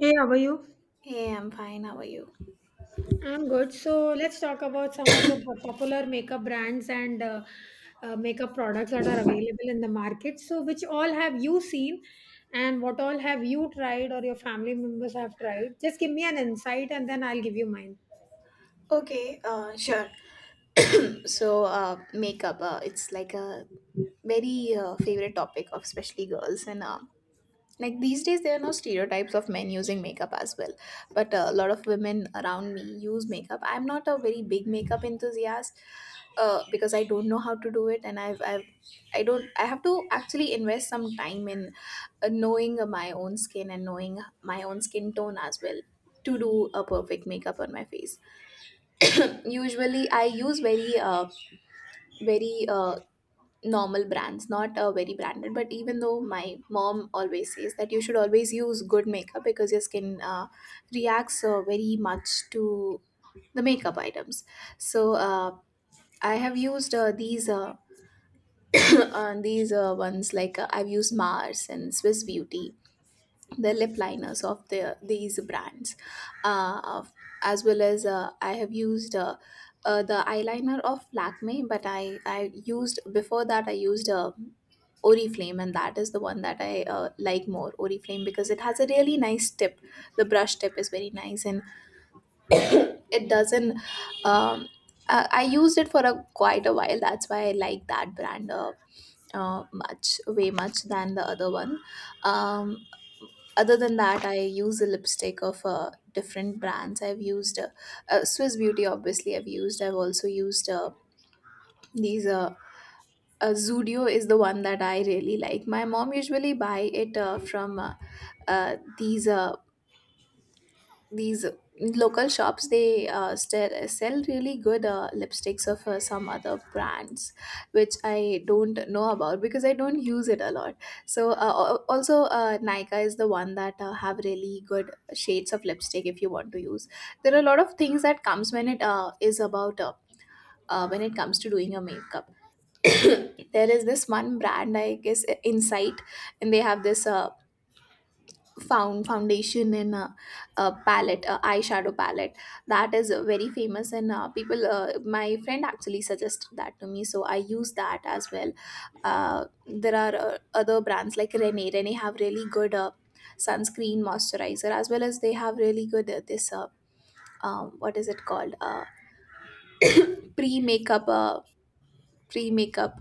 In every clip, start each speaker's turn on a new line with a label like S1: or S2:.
S1: Hey, how are you?
S2: Hey, I'm fine. How are you?
S1: I'm good. So let's talk about some of the popular makeup brands and makeup products that are available in the market. So, which all have you seen, and what all have you tried or your family members have tried? Just give me an insight, and then I'll give you mine.
S2: Okay, sure. So, makeup, it's like a very favorite topic of especially girls. And like these days, there are no stereotypes of men using makeup as well. But a lot of women around me use makeup. I'm not a very big makeup enthusiast because I don't know how to do it. And I don't, I have to actually invest some time in knowing my own skin and knowing my own skin tone as well to do a perfect makeup on my face. Usually I use very normal brands, not very branded, but even though my mom always says that you should always use good makeup because your skin reacts very much to the makeup items. So I have used these these ones, like I've used Mars and Swiss Beauty, the lip liners of these brands, uh, of- as well as I have used the eyeliner of Lakme, but I used, before that I used Oriflame, and that is the one that I like more, Oriflame, because it has a really nice tip. The brush tip is very nice, and it doesn't. Um, I used it for a quite a while. That's why I like that brand. Much, way much than the other one. Um, Other than that, I use a lipstick of different brands. I've used Swiss Beauty, obviously. I've also used these. Zudio is the one that I really like. My mom usually buy it from uh, these uh, these local shops. They still sell really good lipsticks of some other brands which I don't know about because I don't use it a lot. So also Nika is the one that have really good shades of lipstick if you want to use. There are a lot of things that comes when it is about when it comes to doing your makeup. There is this one brand, I guess, Insight, and they have this foundation in a palette, a eyeshadow palette, that is very famous, and people my friend actually suggested that to me, so I use that as well. There are other brands like Rene have really good sunscreen, moisturizer, as well as they have really good this what is it called, pre makeup pre makeup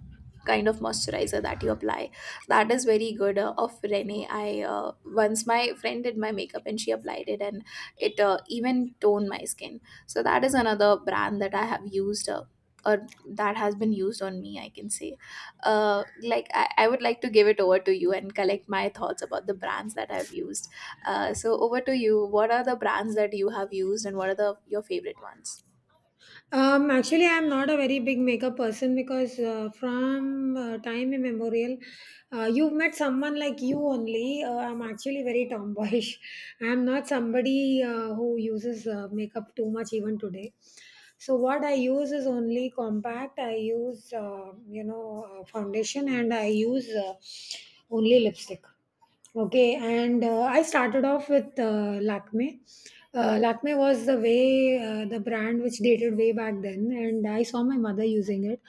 S2: kind of moisturizer that you apply, that is very good of Rene. I Once my friend did my makeup and she applied it, and it even toned my skin. So that is another brand that I have used, or that has been used on me, I can say. Uh, like I would like to give it over to you and collect my thoughts about the brands that I've used. So over to you. What are the brands that you have used and what are the your favorite ones?
S1: Actually, I'm not a very big makeup person because from time immemorial, you've met someone like you only. I'm actually very tomboyish. I'm not somebody who uses makeup too much even today. So what I use is only compact. I use you know foundation and I use only lipstick. Okay, and I started off with Lakme. Lakme was the way the brand which dated way back then, and I saw my mother using it.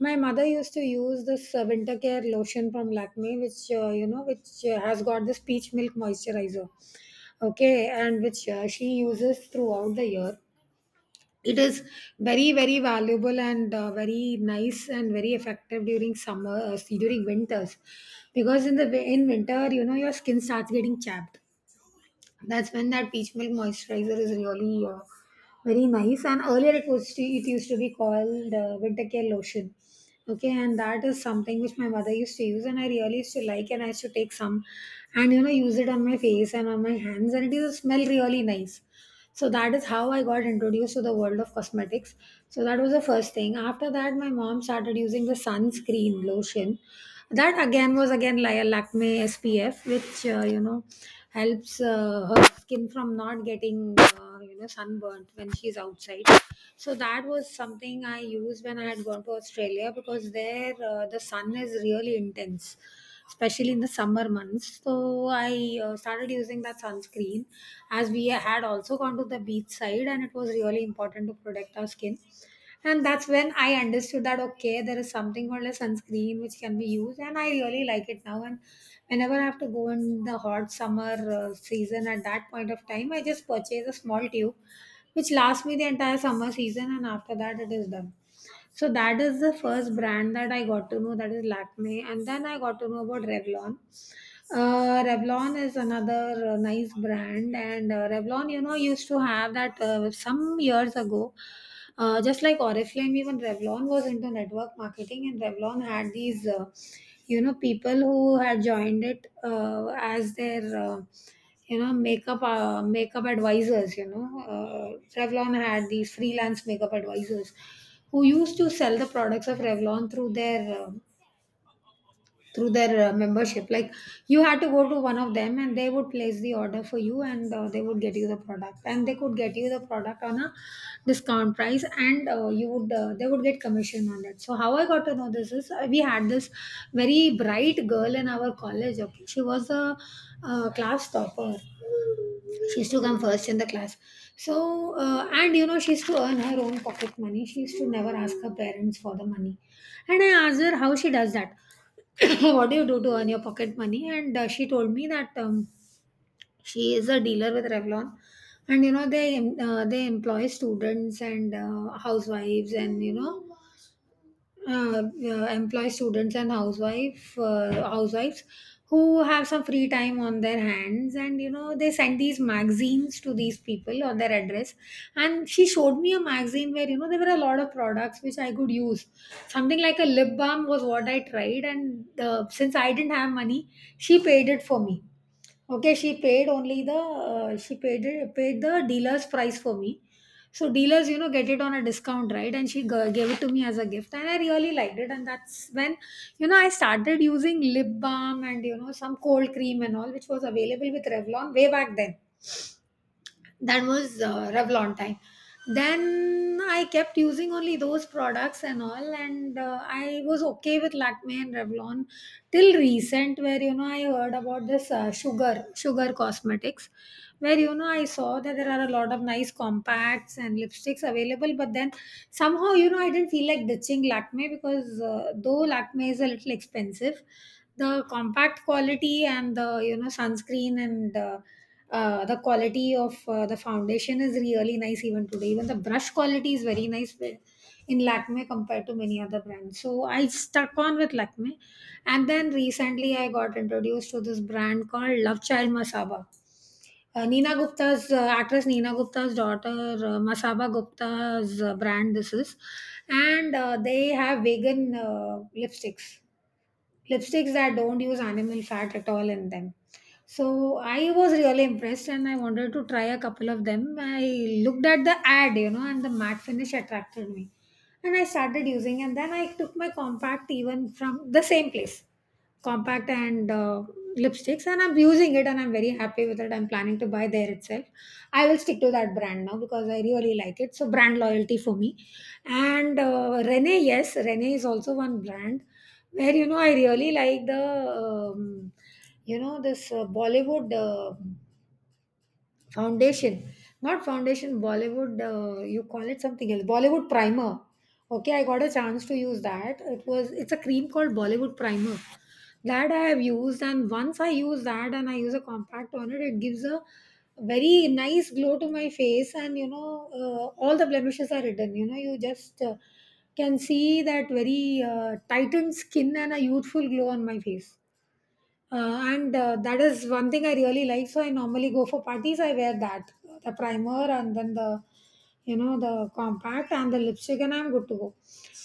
S1: My mother used to use this winter care lotion from Lakme, which you know, which has got this peach milk moisturizer. Okay, and which she uses throughout the year. It is very, very valuable and very nice and very effective during summer, during winters, because in winter, you know, your skin starts getting chapped. That's when that peach milk moisturizer is really very nice. And earlier, it used to be called winter care lotion. Okay, and that is something which my mother used to use, and I really used to like, and I used to take some, and you know, use it on my face and on my hands, and it is smell really nice, so that is how I got introduced to the world of cosmetics. So that was the first thing. After that, my mom started using the sunscreen lotion. That again was again like a Lakme SPF, which you know helps her skin from not getting you know sunburnt when she's outside. So that was something I used when I had gone to Australia because there the sun is really intense especially in the summer months. So I started using that sunscreen as we had also gone to the beach side and it was really important to protect our skin. And that's when I understood that okay, there is something called a sunscreen which can be used, and I really like it now. And whenever I have to go in the hot summer season at that point of time, I just purchase a small tube which lasts me the entire summer season, and after that, it is done. So that is the first brand that I got to know, that is Lakme, and then I got to know about Revlon. Revlon is another nice brand, and Revlon, you know, used to have that some years ago. Just like Oriflame, even Revlon was into network marketing, and Revlon had these, you know, people who had joined it as their, you know, makeup advisors. You know, Revlon had these freelance makeup advisors who used to sell the products of Revlon through their membership. Like, you had to go to one of them and they would place the order for you, and they would get you the product, and they could get you the product on a discount price, and you would they would get commission on that. So how I got to know this is, we had this very bright girl in our college. Okay, uh, class topper. She used to come first in the class. So and you know, she used to earn her own pocket money. She used to never ask her parents for the money, and I asked her how she does that. What do you do to earn your pocket money? And she told me that she is a dealer with Revlon, and you know they they employ students and housewives, and you know uh, employ students and housewife housewives who have some free time on their hands, and you know they send these magazines to these people on their address, and she showed me a magazine where you know there were a lot of products which I could use. Something like a lip balm was what I tried, and since I didn't have money, she paid it for me. Okay, she paid the dealer's price for me. So dealers, you know, get it on a discount, right? And she gave it to me as a gift, and I really liked it. And that's when, you know, I started using lip balm and you know some cold cream and all, which was available with Revlon way back then. That was Revlon time. Then I kept using only those products and all, and I was okay with Lakme and Revlon till recent, where you know I heard about this Sugar Cosmetics, where you know I saw that there are a lot of nice compacts and lipsticks available, but then somehow you know I didn't feel like ditching Lakme because though Lakme is a little expensive, the compact quality and the you know sunscreen and the quality of the foundation is really nice even today. Even the brush quality is very nice in Lakme compared to many other brands, so I stuck on with Lakme. And then recently I got introduced to this brand called Love Child Masaba. Nina Gupta's, actress Nina Gupta's daughter, Masaba Gupta's brand this is. And they have vegan lipsticks that don't use animal fat at all in them. So I was really impressed, and I wanted to try a couple of them. I looked at the ad, you know, and the matte finish attracted me, and I started using, and then I took my compact even from the same place, compact and lipsticks, and I'm using it, and I'm very happy with it. I'm planning to buy there itself. I will stick to that brand now because I really like it. So brand loyalty for me. And Rene, yes, Rene is also one brand where you know I really like the um, you know this Bollywood foundation not foundation bollywood you call it something else, Bollywood primer. Okay, I got a chance to use that. It's a cream called Bollywood primer that I have used. And once I use that and I use a compact on it, it gives a very nice glow to my face, and you know all the blemishes are hidden. You know, you just can see that very tightened skin and a youthful glow on my face. And that is one thing I really like. So I normally go for parties. I wear that, the primer, and then the you know the compact and the lipstick, and I'm good to go.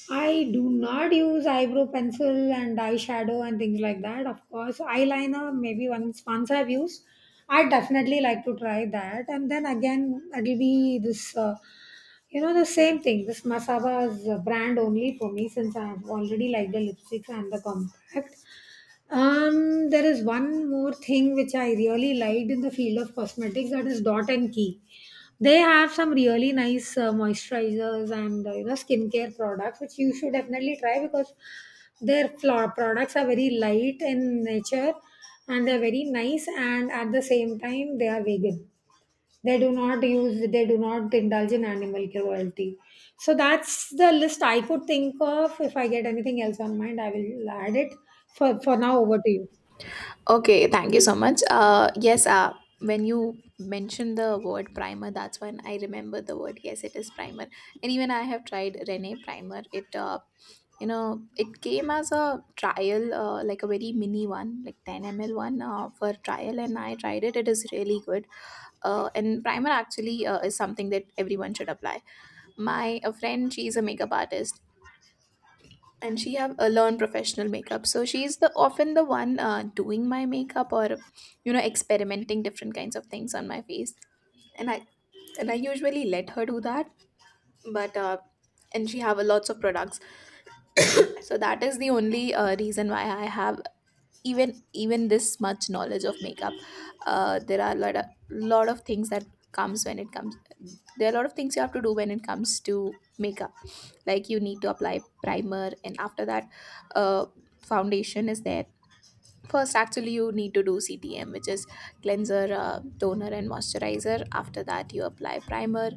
S1: I do not use eyebrow pencil and eyeshadow and things like that. Of course, eyeliner maybe once I've used. I definitely like to try that, and then again it'll be this. You know, the same thing. This Masaba's brand only for me, since I've already liked the lipsticks and the compact. There is one more thing which I really liked in the field of cosmetics, that is Dot and Key. They have some really nice moisturizers and you know skincare products which you should definitely try because their products are very light in nature, and they're very nice, and at the same time they are vegan. They do not use they do not indulge in animal cruelty. So that's the list I could think of. If I get anything else on mind, I will add it. For now, over to you.
S2: Okay, thank you so much. Yes, when you mentioned the word primer, that's when I remember the word. Yes, it is primer. And even I have tried Rene primer. You know, it came as a trial, like a very mini one, like 10 ml one for trial, and I tried it. It is really good. And primer actually is something that everyone should apply. My a friend, she's a makeup artist, and she have learned professional makeup, so she's the often the one doing my makeup or you know experimenting different kinds of things on my face, and I usually let her do that. But and she have a lots of products, so that is the only reason why I have even this much knowledge of makeup. There are a lot of things that comes when it comes there are a lot of things you have to do when it comes to makeup. Like, you need to apply primer, and after that uh, foundation is there. First, actually, you need to do CTM, which is cleanser, toner, and moisturizer. After that, you apply primer,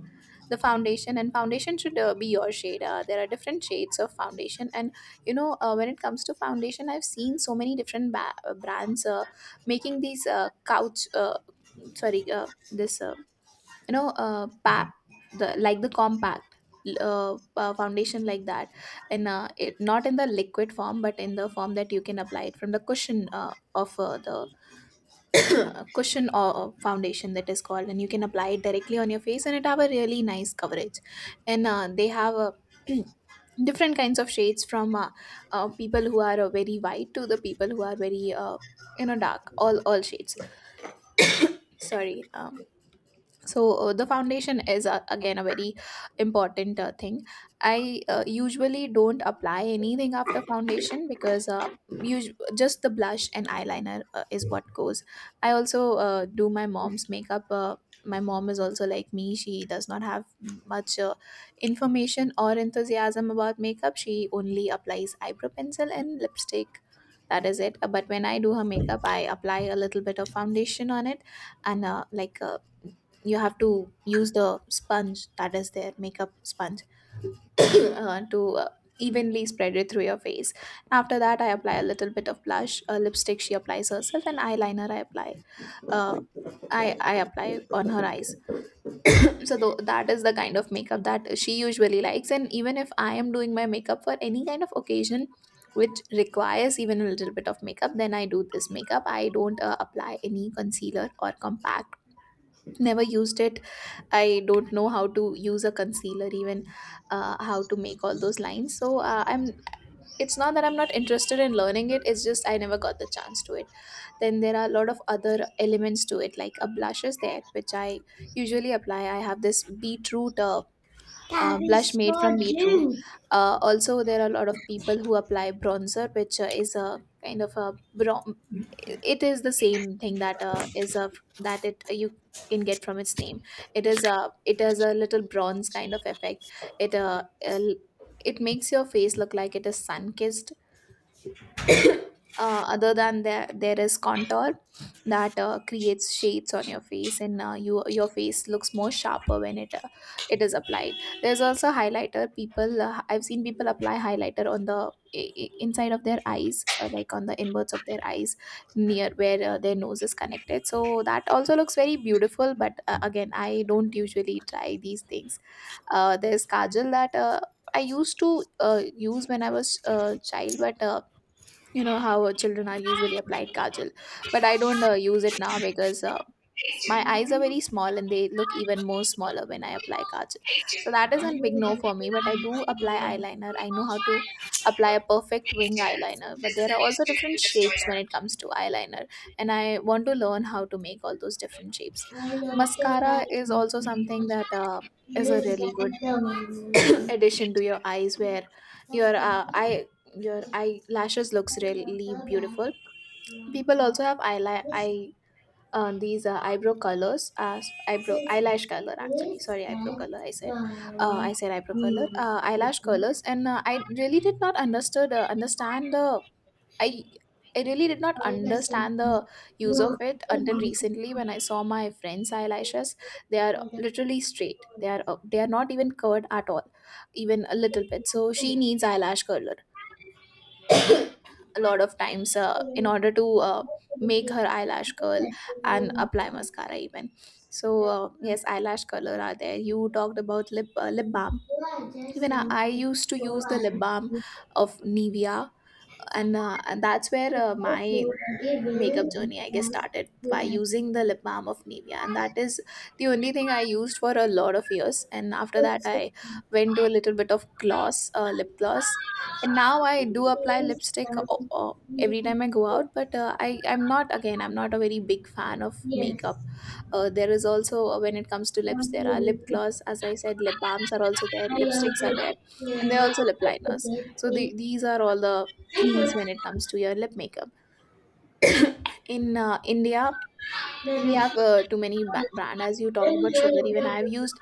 S2: the foundation, and foundation should be your shade. There are different shades of foundation, and you know, when it comes to foundation, I've seen so many different brands making these couch, sorry, this you know the like the compact, foundation like that, and it not in the liquid form but in the form that you can apply it from the cushion of the cushion or foundation, that is called, and you can apply it directly on your face, and it have a really nice coverage. And they have a different kinds of shades from people who are very white to the people who are very you know dark, all shades. Sorry. So the foundation is again a very important thing. I usually don't apply anything after foundation because just the blush and eyeliner is what goes. I also do my mom's makeup. My mom is also like me, she does not have much information or enthusiasm about makeup. She only applies eyebrow pencil and lipstick, that is it. But when I do her makeup, I apply a little bit of foundation on it, and you have to use the sponge that is there, makeup sponge, to evenly spread it through your face. After that, I apply a little bit of blush, a lipstick she applies herself, and eyeliner I apply. uh, I apply on her eyes. So that is the kind of makeup that she usually likes. And even if I am doing my makeup for any kind of occasion which requires even a little bit of makeup, then I do this makeup. I don't apply any concealer or compact, never used it. I don't know how to use a concealer, even how to make all those lines. So I'm. It's not that I'm not interested in learning it. It's just I never got the chance to it. Then there are a lot of other elements to it, like a blush is there, which I usually apply. I have this beetroot blush made from beetroot. Also, there are a lot of people who apply bronzer, which is a kind of a it is the same thing that is a that it you can get from its name. It has a little bronze kind of effect. It uh, uh, it makes your face look like it is sun kissed. Other than that, there is contour, that creates shades on your face, and your face looks more sharper when it it is applied. There's also highlighter. People I've seen people apply highlighter on the inside of their eyes, like on the inwards of their eyes, near where their nose is connected. So that also looks very beautiful, but again I don't usually try these things. There's kajal that I used to use when I was a child, but you know how children are usually applied kajal. But I don't use it now because my eyes are very small and they look even more smaller when I apply kajal, so that is a big no for me. But I do apply eyeliner, I know how to apply a perfect wing eyeliner, but there are also different shapes when it comes to eyeliner, and I want to learn how to make all those different shapes. Mascara is also something that is a really good addition to your eyes, where your eye your eyelashes looks really beautiful. People also have eyelash, eye, these eyebrow colors, as eyelash color actually. Sorry, eyebrow color, I said. I said eyebrow color, eyelash colors, and I really did not understood understand the I. I really did not understand the use of it until recently when I saw my friends' eyelashes. They are literally straight. They are not even curved at all, even a little bit. So she needs eyelash curler a lot of times, in order to, make her eyelash curl and apply mascara even. So, yes, eyelash color are there. You talked about lip lip balm. Even I used to use the lip balm of Nivea, and that's where my makeup journey, I guess, started by using the lip balm of Nivea, and that is the only thing I used for a lot of years. And after that, I went to a little bit of gloss, lip gloss, and now I do apply lipstick. Every time I go out, but I'm not a very big fan of makeup. There is also, when it comes to lips, there are lip gloss, as I said, lip balms are also there, lipsticks are there, and there are also lip liners. So these are all the things when it comes to your lip makeup in India. We have too many brand, as you talked about Sugar. Even I've used,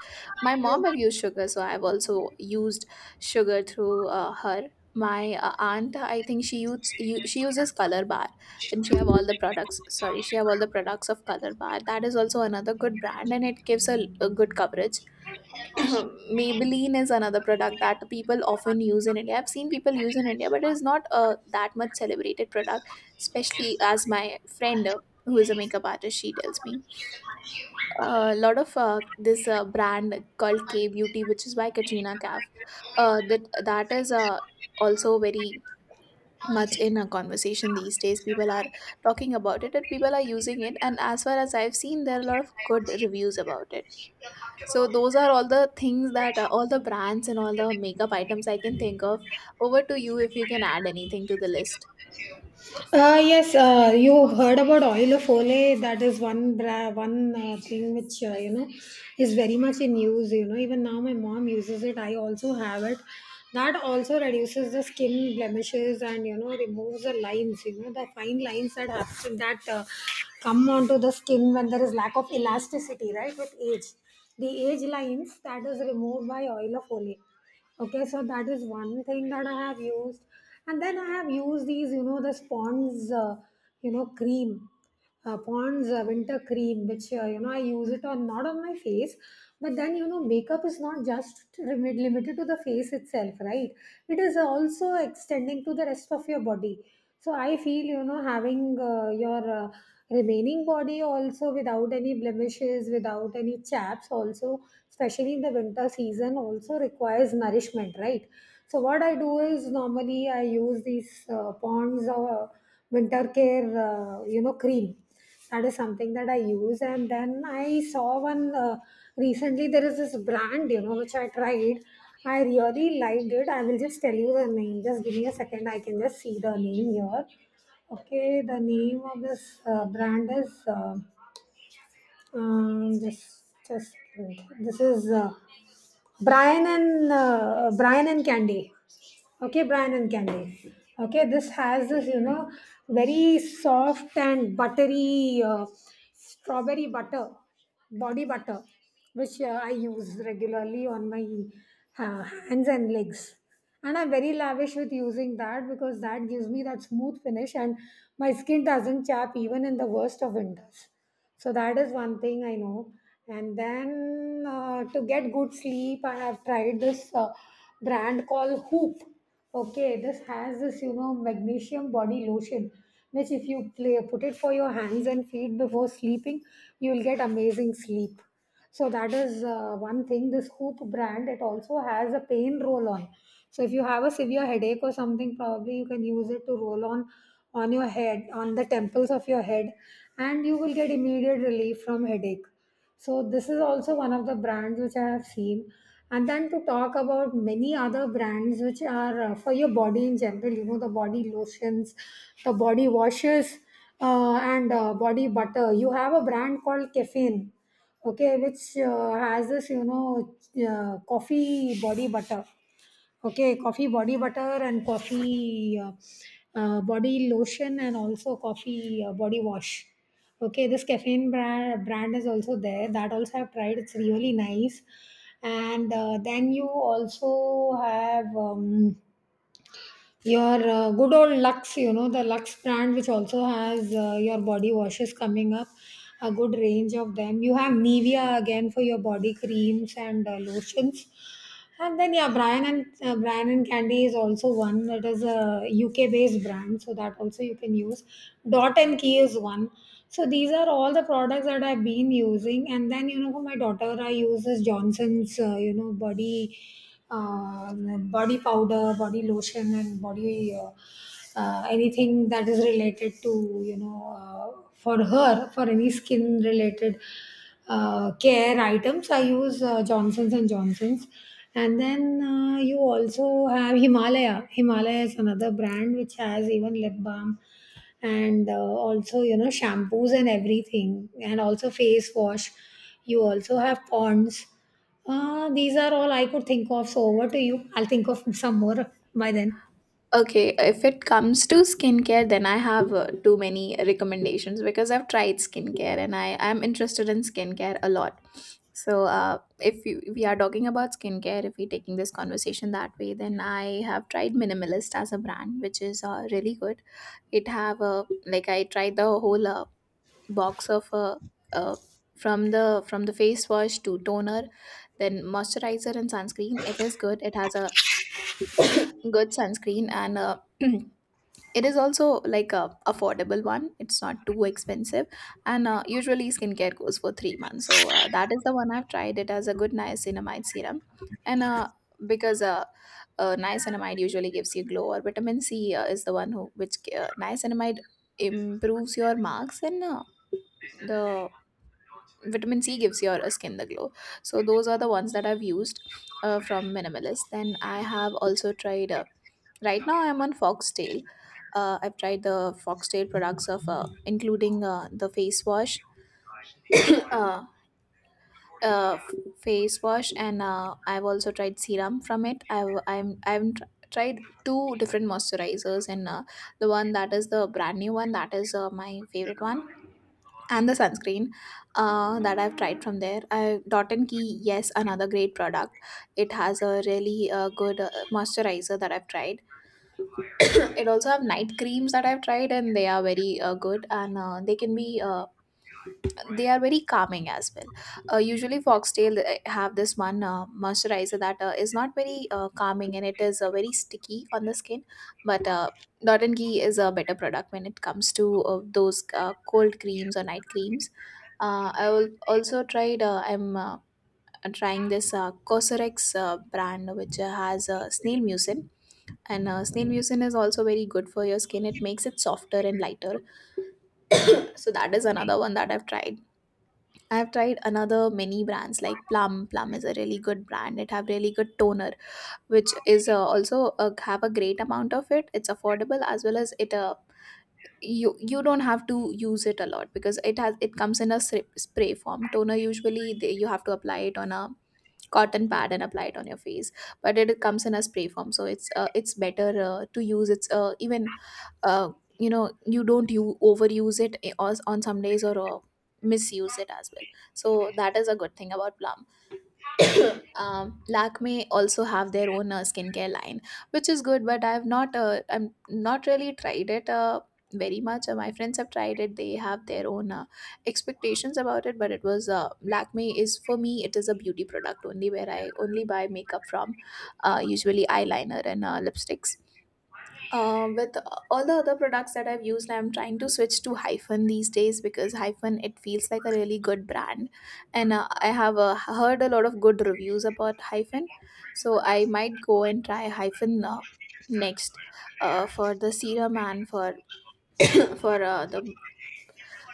S2: my mom have used Sugar, so I've also used Sugar through her. My aunt, I think, she she uses Color Bar, and she have all the products, sorry, she have all the products of Color Bar. That is also another good brand, and it gives a good coverage. Maybelline is another product that people often use in India. I've seen people use in India, but it is not that much celebrated product, especially as my friend, who is a makeup artist, she tells me a lot of this brand called K Beauty, which is by Katrina Kaif. That is also very much in a conversation these days. People are talking about it, and people are using it. And as far as I've seen, there are a lot of good reviews about it. So those are all the things that, all the brands and all the makeup items I can think of. Over to you if you can add anything to the list.
S1: Yes, you heard about Oil of Olay. That is one thing which you know is very much in use. You know, even now my mom uses it. I also have it. That also reduces the skin blemishes and you know removes the lines. You know, the fine lines that happen, that come onto the skin when there is lack of elasticity. Right, with age, the age lines, that is removed by Oil of Olay. Okay, so that is one thing that I have used, and then I have used these, you know, the Spond's, you know, cream Pond's winter cream, which you know I use it on, not on my face, but then you know makeup is not just limited to the face itself, right? It is also extending to the rest of your body. So I feel, you know, having your remaining body also without any blemishes, without any chaps, also especially in the winter season, also requires nourishment, right? So what I do is normally I use these Pond's winter care cream, that is something that I use. And then I saw one recently, there is this brand, you know, which I tried. I really liked it. I will just tell you the name. Just give me a second, I can just see the name here. Okay, the name of this brand is just wait. This is Brian and Candy. Okay, Brian and Candy. Okay, this has this, you know, very soft and buttery strawberry butter, body butter, which I use regularly on my hands and legs. And I'm very lavish with using that because that gives me that smooth finish, and my skin doesn't chap even in the worst of winters. So that is one thing I know. And then to get good sleep, I have tried this brand called Hoop. Okay, this has this, you know, magnesium body lotion, which if you play, put it for your hands and feet before sleeping, you will get amazing sleep. So that is one thing. This Hoop brand, it also has a pain roll on. So if you have a severe headache or something, probably you can use it to roll on your head, on the temples of your head, and you will get immediate relief from headache. So this is also one of the brands which I have seen. And then to talk about many other brands which are for your body in general, you know, the body lotions, the body washes, and body butter. You have a brand called Caffeine, okay, which has this, you know, coffee body butter. Okay, coffee body butter and coffee body lotion, and also coffee body wash. Okay, this caffeine brand is also there. That also I've tried, it's really nice. And then you also have your good old Lux, you know, the Lux brand, which also has your body washes coming up, a good range of them. You have Nivea again for your body creams and lotions. And then, yeah, Brian and Candy is also one, that is a UK based brand, so that also you can use. Dot and Key is one. So these are all the products that I've been using. And then, you know, for my daughter, I use this Johnson's, you know, body like body powder, body lotion, and body anything that is related to, you know, for her, for any skin related care items. I use Johnson's and Johnson's. And then you also have Himalaya. Himalaya is another brand which has even lip balm, and also, you know, shampoos and everything, and also face wash. You also have Ponds. These are all I could think of, so over to you. I'll think of some more by then.
S2: Okay, if it comes to skincare, then I have too many recommendations because I've tried skincare and I am interested in skincare a lot. So, if you, we are talking about skincare, if we're taking this conversation that way, then I have tried Minimalist as a brand, which is really good. It have a, like, I tried the whole box of uh, from the face wash to toner, then moisturizer and sunscreen. It is good. It has a good sunscreen and. It is also like a affordable one. It's not too expensive, and usually skincare goes for 3 months. So, that is the one I've tried. It as a good niacinamide serum, and because niacinamide usually gives you glow, or vitamin C, is the one who which, niacinamide improves your marks, and the vitamin C gives your skin the glow. So those are the ones that I've used from Minimalist. Then I have also tried right now, I'm on Foxtail. I've tried the Foxtail products of, including the face wash, uh, uh, f- face wash, and I've also tried serum from it. I've I'm I've tr- tried two different moisturizers, and the one that is the brand new one, that is my favorite one, and the sunscreen that I've tried from there. I Dot and Key, yes, another great product. It has a really good moisturizer that I've tried. It also have night creams that I've tried, and they are very good, and they can be they are very calming as well. Usually Foxtail have this one moisturizer that is not very calming, and it is very sticky on the skin, but Dot and Key is a better product when it comes to those cold creams or night creams. I will also tried. I'm trying this Cosrx brand, which has snail mucin, and snail mucin is also very good for your skin. It makes it softer and lighter. So that is another one that I've tried. I've tried another many brands like Plum. Plum is a really good brand. It have really good toner, which is also have a great amount of it. It's affordable, as well as it, you don't have to use it a lot, because it comes in a spray form. Toner, usually you have to apply it on a cotton pad and apply it on your face, but it comes in a spray form, so it's better to use. It's even, uh, you know, you don't you overuse it, on some days, or misuse it as well. So that is a good thing about Plum. Lakme also have their own skincare line, which is good. But I'm not really tried it very much. My friends have tried it. They have their own expectations about it. But it was Lakme is for me. It is a beauty product only, where I only buy makeup from, usually eyeliner and lipsticks. With all the other products that I've used, I'm trying to switch to Hyphen these days, because Hyphen, it feels like a really good brand, and I have heard a lot of good reviews about Hyphen, so I might go and try Hyphen next, for the serum and for for the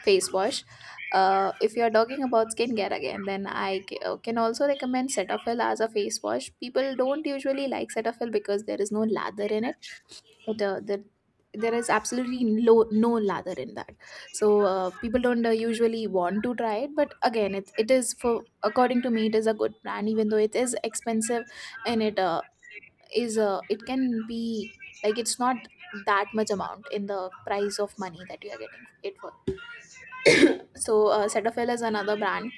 S2: face wash. If you're talking about skincare again, then can also recommend Cetaphil as a face wash. People don't usually like Cetaphil, because there is no lather in it. That There is absolutely no lather in that. So people don't usually want to try it. But again, it is for according to me, it is a good brand, even though it is expensive, and it, is, it can be, like, it's not that much amount in the price of money that you are getting it for. So Cetaphil is another brand.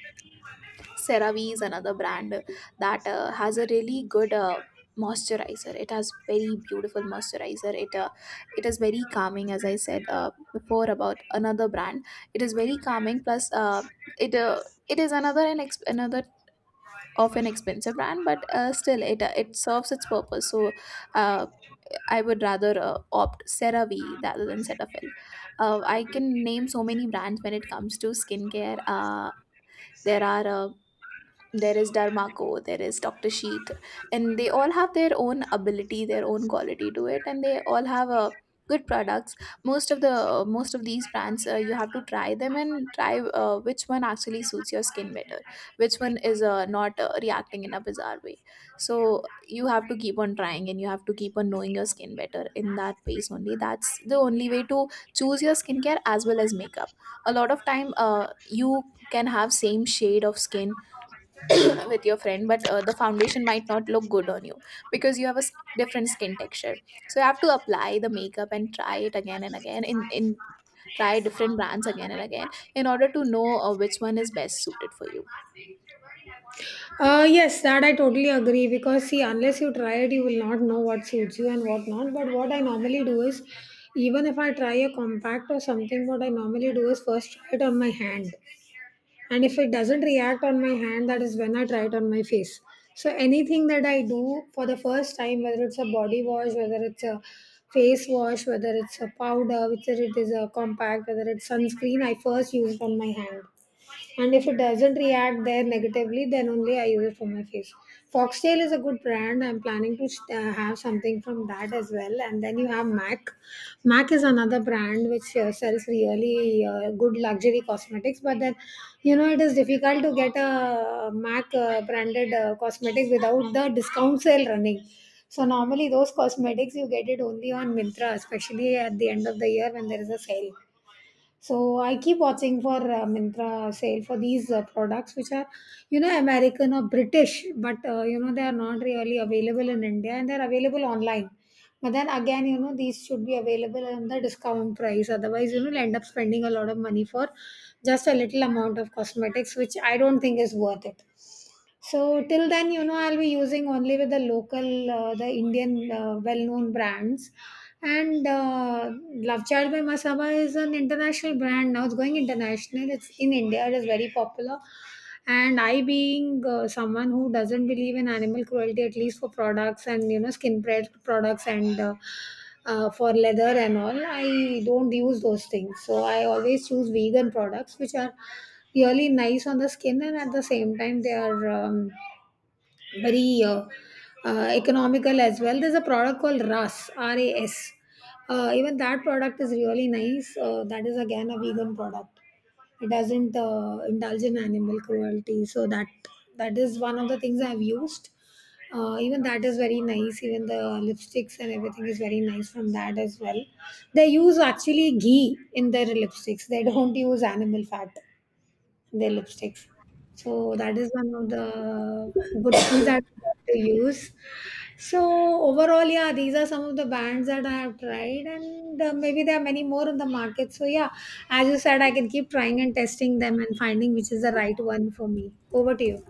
S2: CeraVe is another brand that has a really good moisturizer. It has very beautiful moisturizer. It is very calming, as I said before about another brand. It is very calming. Plus, it uh, it is another of an expensive brand, but still it serves its purpose. So. Uh, I would rather opt CeraVe rather than Cetaphil. I can name so many brands when it comes to skincare. There are uh, there is Darmako, there is Dr. Sheet, and they all have their own ability, their own quality to it, and they all have a good products. Most of these brands, you have to try them and try which one actually suits your skin better, which one is, not reacting in a bizarre way. So you have to keep on trying, and you have to keep on knowing your skin better in that pace only. That's the only way to choose your skincare as well as makeup. A lot of time, you can have same shade of skin with your friend, but the foundation might not look good on you, because you have a different skin texture. So you have to apply the makeup and try it again and again, in try different brands again and again in order to know which one is best suited for you.
S1: yes, that I totally agree, because see, unless you try it, you will not know what suits you and what not. But what I normally do is, even if I try a compact or something, what I normally do is first try it on my hand, and if it doesn't react on my hand, that is when I try it on my face. So anything that I do for the first time, whether it's a body wash, whether it's a face wash, whether it's a powder, whether it is a compact, whether it's sunscreen, I first use it on my hand, and if it doesn't react there negatively, then only I use it for my face. Foxtail is a good brand. I'm planning to have something from that as well. And then you have Mac. Mac is another brand which sells really good luxury cosmetics, but then, you know, it is difficult to get a Mac branded cosmetics without the discount sale running. So normally those cosmetics you get it only on Mintra, especially at the end of the year when there is a sale. So I keep watching for Mintra sale for these products, which are, you know, American or British, but you know, they are not really available in India, and they're available online. But then again, you know, these should be available on the discount price. Otherwise, you know, you'll end up spending a lot of money for just a little amount of cosmetics, which I don't think is worth it. So till then, you know, I'll be using only with the local, the Indian well-known brands. And Love Child by Masaba is an international brand now. It's going international. It's in India. It is very popular. And I, being someone who doesn't believe in animal cruelty, at least for products and, you know, skin bread products and for leather and all, I don't use those things. So I always choose vegan products, which are really nice on the skin, and at the same time they are very economical as well. There's a product called Ras Ras. Even that product is really nice. That is again a vegan product. It doesn't indulge in animal cruelty, so that, that is one of the things I've used. Even that is very nice. Even the lipsticks and everything is very nice from that as well. They use actually ghee in their lipsticks, they don't use animal fat their lipsticks. So that is one of the good things that I got to use. So overall, yeah, these are some of the brands that I have tried, and maybe there are many more in the market. So yeah, as you said, I can keep trying and testing them and finding which is the right one for me. Over to you.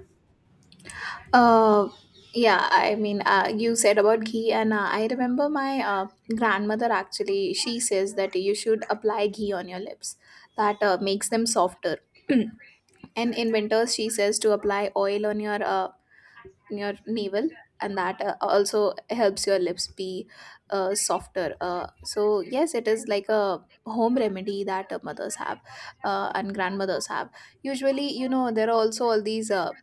S2: Uh, yeah, I mean, you said about ghee, and I remember my grandmother. Actually, she says that you should apply ghee on your lips. That makes them softer. And in winters, she says to apply oil on your, navel, and that also helps your lips be softer. So yes, it is like a home remedy that, mothers have, and grandmothers have. Usually, you know, there are also all these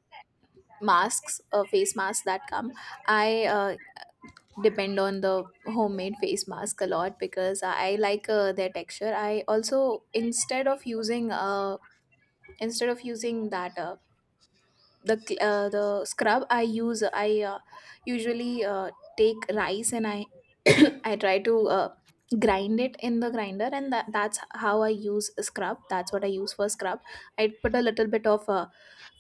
S2: masks, face masks that come. I, depend on the homemade face mask a lot, because I like their texture. I also, instead of using uh, instead of using that, the scrub I use, I usually take rice, and I I try to grind it in the grinder, and that's how I use a scrub. That's what I use for scrub. I put a little bit of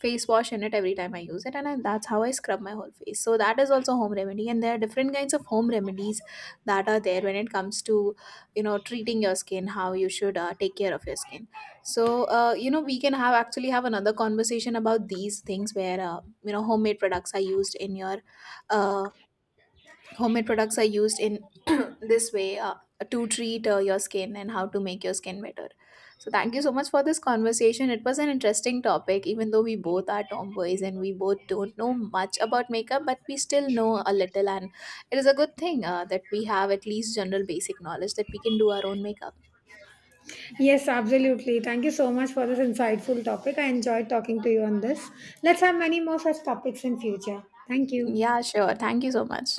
S2: face wash in it every time I use it, and that's how I scrub my whole face. So that is also home remedy, and there are different kinds of home remedies that are there when it comes to, you know, treating your skin, how you should take care of your skin. So, you know, we can have actually have another conversation about these things where, you know, homemade products are used in your, uh, homemade products are used in this way, to treat your skin, and how to make your skin better. So, thank you so much for this conversation. It was an interesting topic, even though we both are tomboys and we both don't know much about makeup, but we still know a little. And it is a good thing that we have at least general basic knowledge that we can do our own makeup.
S1: Yes, absolutely. Thank you so much for this insightful topic. I enjoyed talking to you on this. Let's have many more such topics in future. Thank you.
S2: Yeah, sure. Thank you so much.